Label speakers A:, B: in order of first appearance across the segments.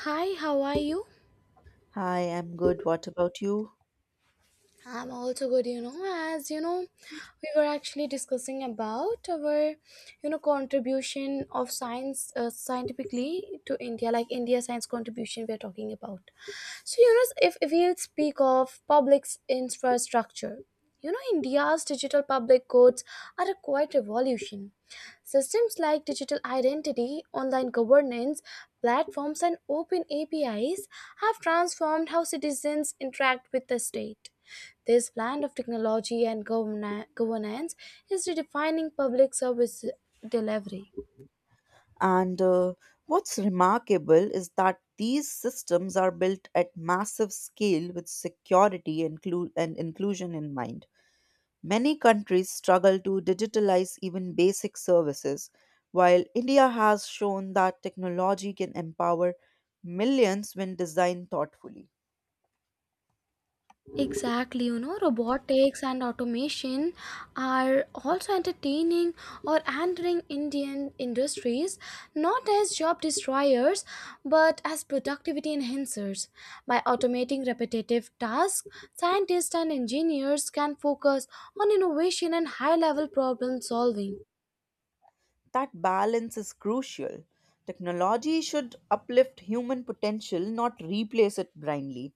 A: Hi, how are you?
B: Hi, I'm good. What about you?
A: I'm also good, As you know, we were actually discussing about contribution of science, scientifically, to India, like India science contribution we are talking about. If we speak of public infrastructure, India's digital public codes are a quiet revolution. Systems like digital identity, online governance, platforms, and open APIs have transformed how citizens interact with the state. This blend of technology and governance is redefining public service delivery.
B: And What's remarkable is that these systems are built at massive scale with security inclu- and inclusion in mind. Many countries struggle to digitalize even basic services, while India has shown that technology can empower millions when designed thoughtfully.
A: Exactly, robotics and automation are also entertaining or entering Indian industries, not as job destroyers but as productivity enhancers. By automating repetitive tasks, scientists and engineers can focus on innovation and high level problem solving.
B: That balance is crucial. Technology should uplift human potential, not replace it blindly.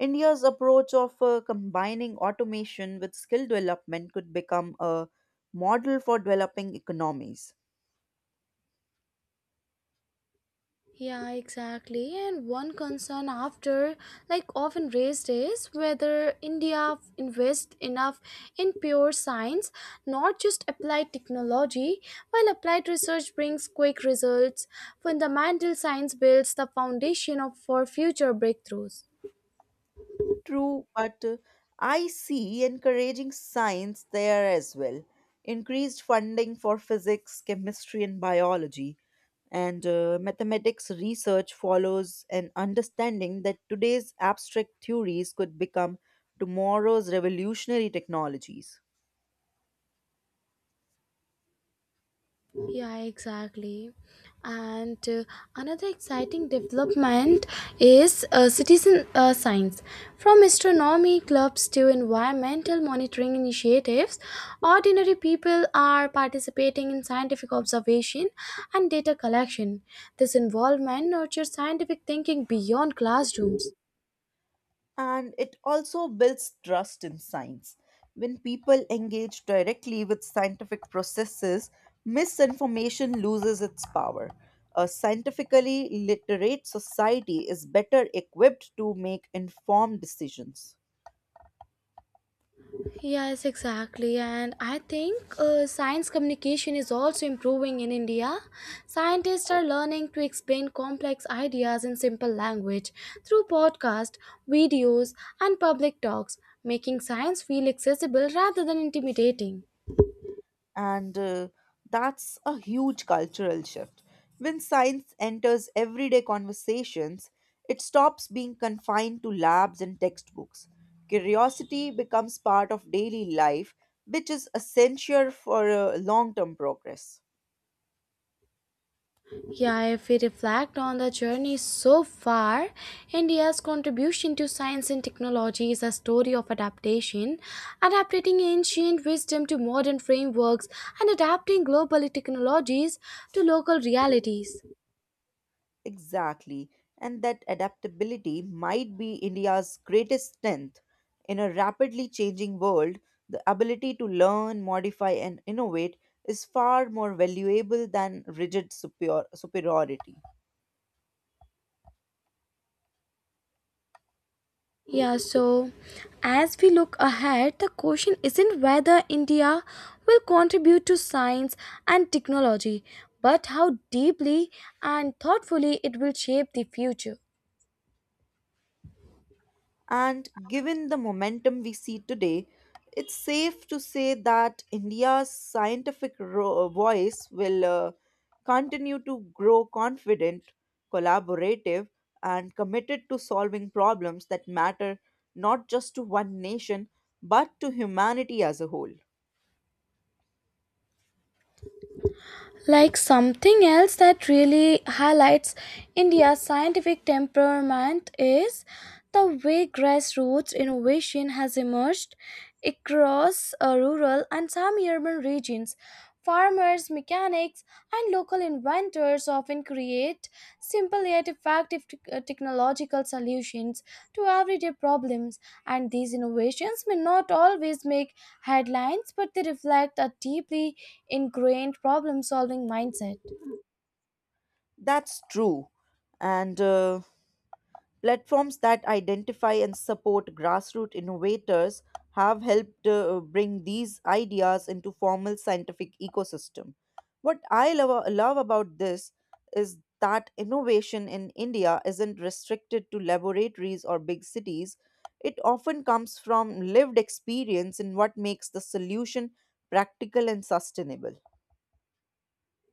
B: India's approach of combining automation with skill development could become a model for developing economies.
A: Yeah, exactly. And one concern after, like, often raised, is whether India invests enough in pure science, not just applied technology. While applied research brings quick results, fundamental science builds the for future breakthroughs.
B: True, but I see encouraging science there as well. Increased funding for physics, chemistry, and biology, and mathematics research follows an understanding that today's abstract theories could become tomorrow's revolutionary technologies.
A: Yeah, exactly. And Another exciting development is citizen science. From astronomy clubs to environmental monitoring initiatives, ordinary people are participating in scientific observation and data collection. This involvement nurtures scientific thinking beyond classrooms.
B: And it also builds trust in science. When people engage directly with scientific processes, misinformation loses its power. A scientifically literate society is better equipped to make informed decisions.
A: Yes, exactly. And I think science communication is also improving in India. Scientists are learning to explain complex ideas in simple language through podcasts, videos, and public talks, making science feel accessible rather than intimidating.
B: And that's a huge cultural shift. When science enters everyday conversations, it stops being confined to labs and textbooks. Curiosity becomes part of daily life, which is essential for long term progress.
A: Yeah, if we reflect on the journey so far, India's contribution to science and technology is a story of adaptation, adapting ancient wisdom to modern frameworks and adapting global technologies to local realities.
B: Exactly. And that adaptability might be India's greatest strength. In a rapidly changing world, the ability to learn, modify, and innovate is far more valuable than rigid superiority.
A: Yeah, so as we look ahead, the question isn't whether India will contribute to science and technology, but how deeply and thoughtfully it will shape the future.
B: And given the momentum we see today, it's safe to say that India's scientific voice will continue to grow confident, collaborative, and committed to solving problems that matter not just to one nation but to humanity as a whole.
A: Like, something else that really highlights India's scientific temperament is the way grassroots innovation has emerged across rural and semi urban regions. Farmers, mechanics, and local inventors often create simple yet effective technological solutions to everyday problems. And these innovations may not always make headlines, but they reflect a deeply ingrained problem solving mindset.
B: That's true. And Platforms that identify and support grassroots innovators have helped bring these ideas into formal scientific ecosystem. What I love about this is that innovation in India isn't restricted to laboratories or big cities. It often comes from lived experience in what makes the solution practical and sustainable.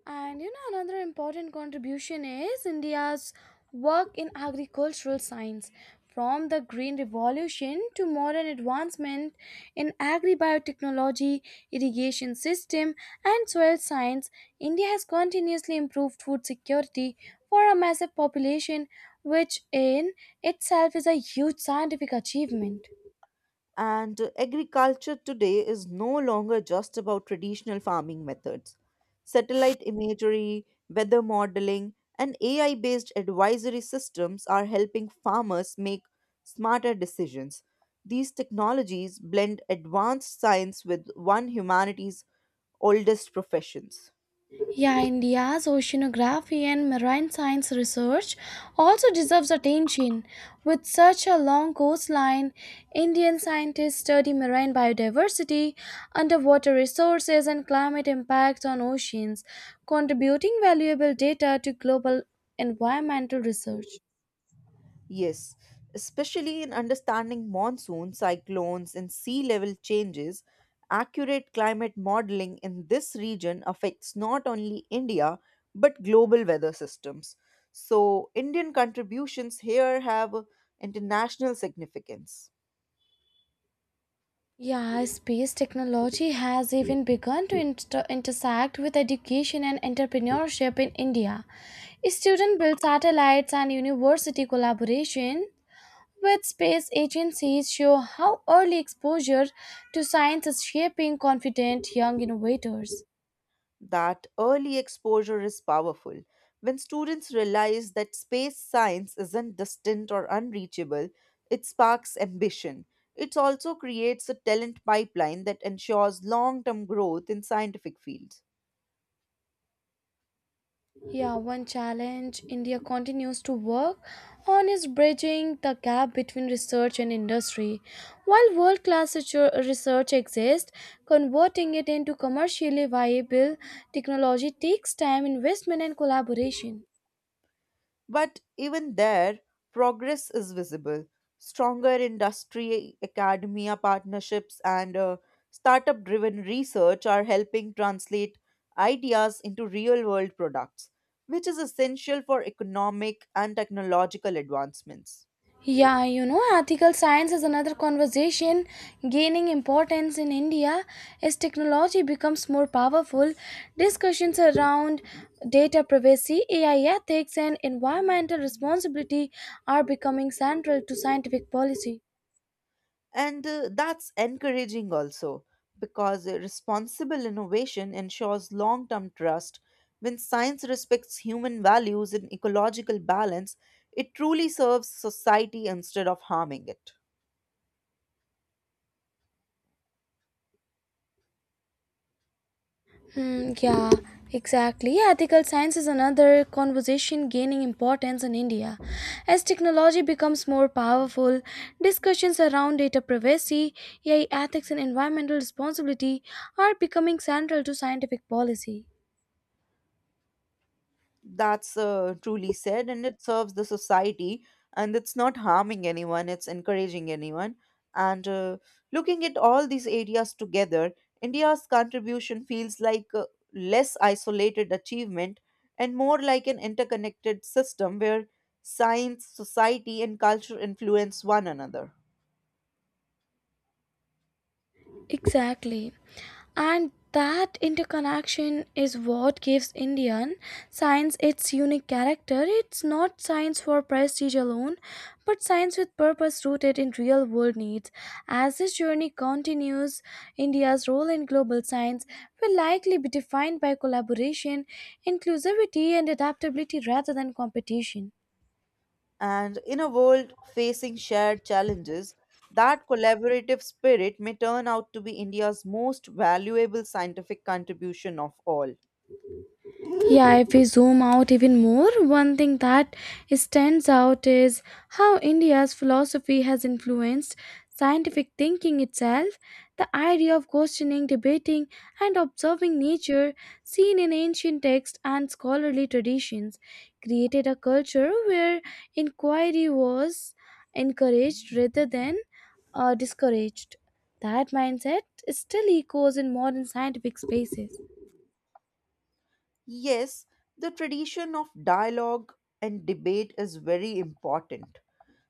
A: And another important contribution is India's work in agricultural science. From the Green Revolution to modern advancement in agri biotechnology, irrigation system, and soil science, India has continuously improved food security for a massive population, which in itself is a huge scientific achievement.
B: And Agriculture today is no longer just about traditional farming methods. Satellite imagery, weather modeling, and AI based advisory systems are helping farmers make smarter decisions. These technologies blend advanced science with one humanity's oldest professions.
A: Yeah, India's oceanography and marine science research also deserves attention. With such a long coastline, Indian scientists study marine biodiversity, underwater resources, and climate impacts on oceans, contributing valuable data to global environmental research.
B: Yes, especially in understanding monsoon, cyclones, and sea level changes, accurate climate modeling in this region affects not only India but global weather systems. So, Indian contributions here have international significance.
A: Yeah, space technology has even begun to intersect with education and entrepreneurship in India. Student built satellites and university collaboration with space agencies show how early exposure to science is shaping confident young innovators.
B: That early exposure is powerful. When students realize that space science isn't distant or unreachable, it sparks ambition. It also creates a talent pipeline that ensures long term growth in scientific fields.
A: Yeah, one challenge India continues to work on is bridging the gap between research and industry. While world class research exists, converting it into commercially viable technology takes time, investment, and collaboration.
B: But even there, progress is visible. Stronger industry academia partnerships and startup driven research are helping translate ideas into real world products, which is essential for economic and technological advancements.
A: Yeah, ethical science is another conversation gaining importance in India as technology becomes more powerful. Discussions around data privacy, AI ethics, and environmental responsibility are becoming central to scientific policy.
B: And that's encouraging also, because responsible innovation ensures long term trust. When science respects human values and ecological balance, it truly serves society instead of harming it.
A: Hmm. Yeah, exactly. Yeah, ethical science is another conversation gaining importance in India. As technology becomes more powerful, discussions around data privacy, AI ethics, and environmental responsibility are becoming central to scientific policy.
B: That's truly said, and it serves the society, and it's not harming anyone, it's encouraging anyone. And Looking at all these areas together, India's contribution feels like a less isolated achievement and more like an interconnected system where science, society, and culture influence one another.
A: Exactly. And that interconnection is what gives Indian science its unique character. It's not science for prestige alone, but science with purpose rooted in real world needs. As this journey continues, India's role in global science will likely be defined by collaboration, inclusivity, and adaptability rather than competition.
B: And in a world facing shared challenges, that collaborative spirit may turn out to be India's most valuable scientific contribution of all.
A: Yeah, if we zoom out even more, one thing that stands out is how India's philosophy has influenced scientific thinking itself. The idea of questioning, debating, and observing nature, seen in ancient texts and scholarly traditions, created a culture where inquiry was encouraged rather than discouraged. That mindset still echoes in modern scientific spaces.
B: Yes, the tradition of dialogue and debate is very important.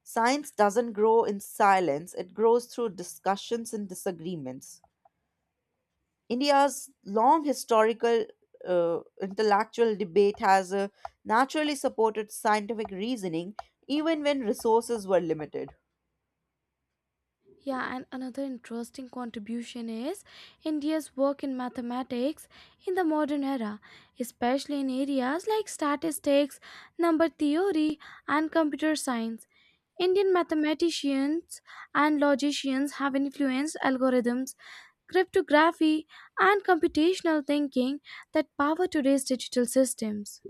B: Science doesn't grow in silence, it grows through discussions and disagreements. India's long historical intellectual debate has naturally supported scientific reasoning even when resources were limited.
A: Yeah, and another interesting contribution is India's work in mathematics in the modern era, especially in areas like statistics, number theory, and computer science. Indian mathematicians and logicians have influenced algorithms, cryptography, and computational thinking that power today's digital systems.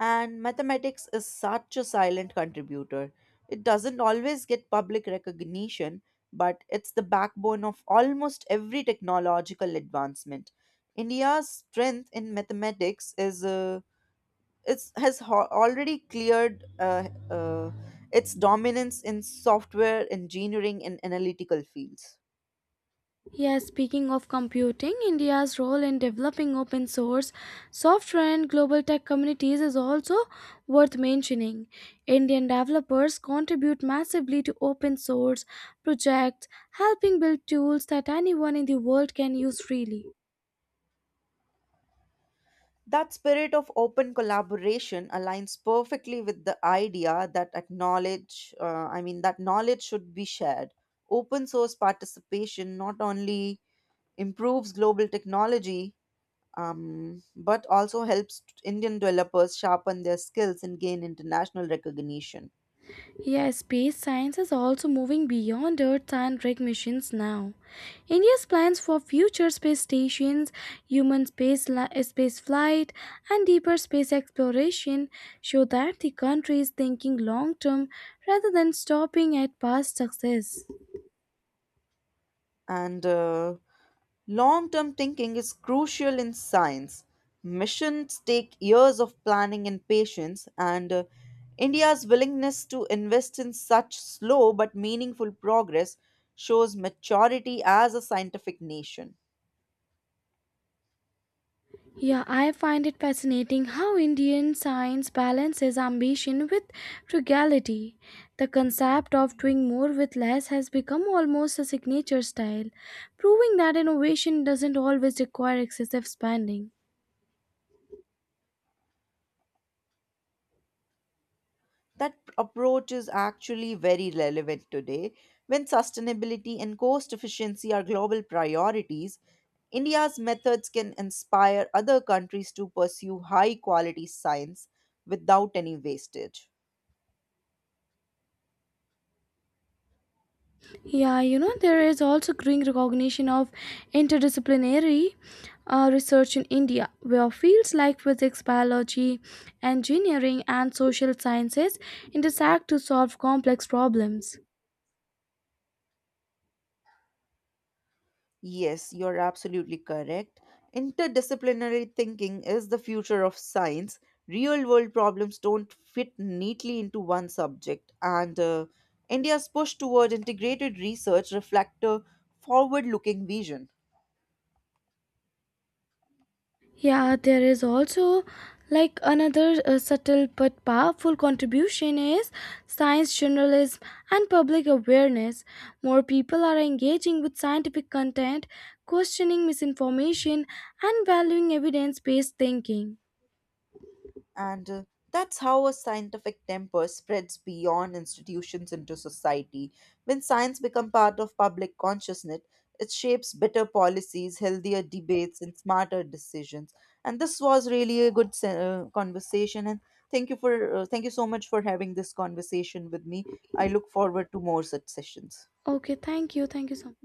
B: And mathematics is such a silent contributor. It doesn't always get public recognition, but it's the backbone of almost every technological advancement. India's strength in mathematics is it's has already cleared its dominance in software engineering and analytical fields.
A: Yeah, speaking of computing, India's role in developing open source software and global tech communities is also worth mentioning. Indian developers contribute massively to open source projects, helping build tools that anyone in the world can use freely.
B: That spirit of open collaboration aligns perfectly with the idea that that knowledge should be shared. Open source participation not only improves global technology, but also helps Indian developers sharpen their skills and gain international recognition.
A: Yeah, space science is also moving beyond Earth and rig missions now. India's plans for future space stations, human space flight, and deeper space exploration show that the country is thinking long term rather than stopping at past success.
B: And Long term thinking is crucial in science. Missions take years of planning and patience, and India's willingness to invest in such slow but meaningful progress shows maturity as a scientific nation.
A: Yeah, I find it fascinating how Indian science balances ambition with frugality. The concept of doing more with less has become almost a signature style, proving that innovation doesn't always require excessive spending.
B: That approach is actually very relevant today when sustainability and cost efficiency are global priorities. India's methods can inspire other countries to pursue high quality science without any wastage.
A: Yeah, there is also growing recognition of interdisciplinary research in India, where fields like physics, biology, engineering, and social sciences intersect to solve complex problems.
B: Yes, you're absolutely correct. Interdisciplinary thinking is the future of science. Real world problems don't fit neatly into one subject, and India's push toward integrated research reflects a forward looking vision.
A: Yeah, there is also like another subtle but powerful contribution is science journalism and public awareness. More people are engaging with scientific content, questioning misinformation, and valuing evidence based thinking.
B: And that's how a scientific temper spreads beyond institutions into society. When science becomes part of public consciousness, it shapes better policies, healthier debates, and smarter decisions. And this was really a good conversation. And thank you for thank you so much for having this conversation with me. I look forward to more such sessions.
A: Okay, thank you. Thank you so much.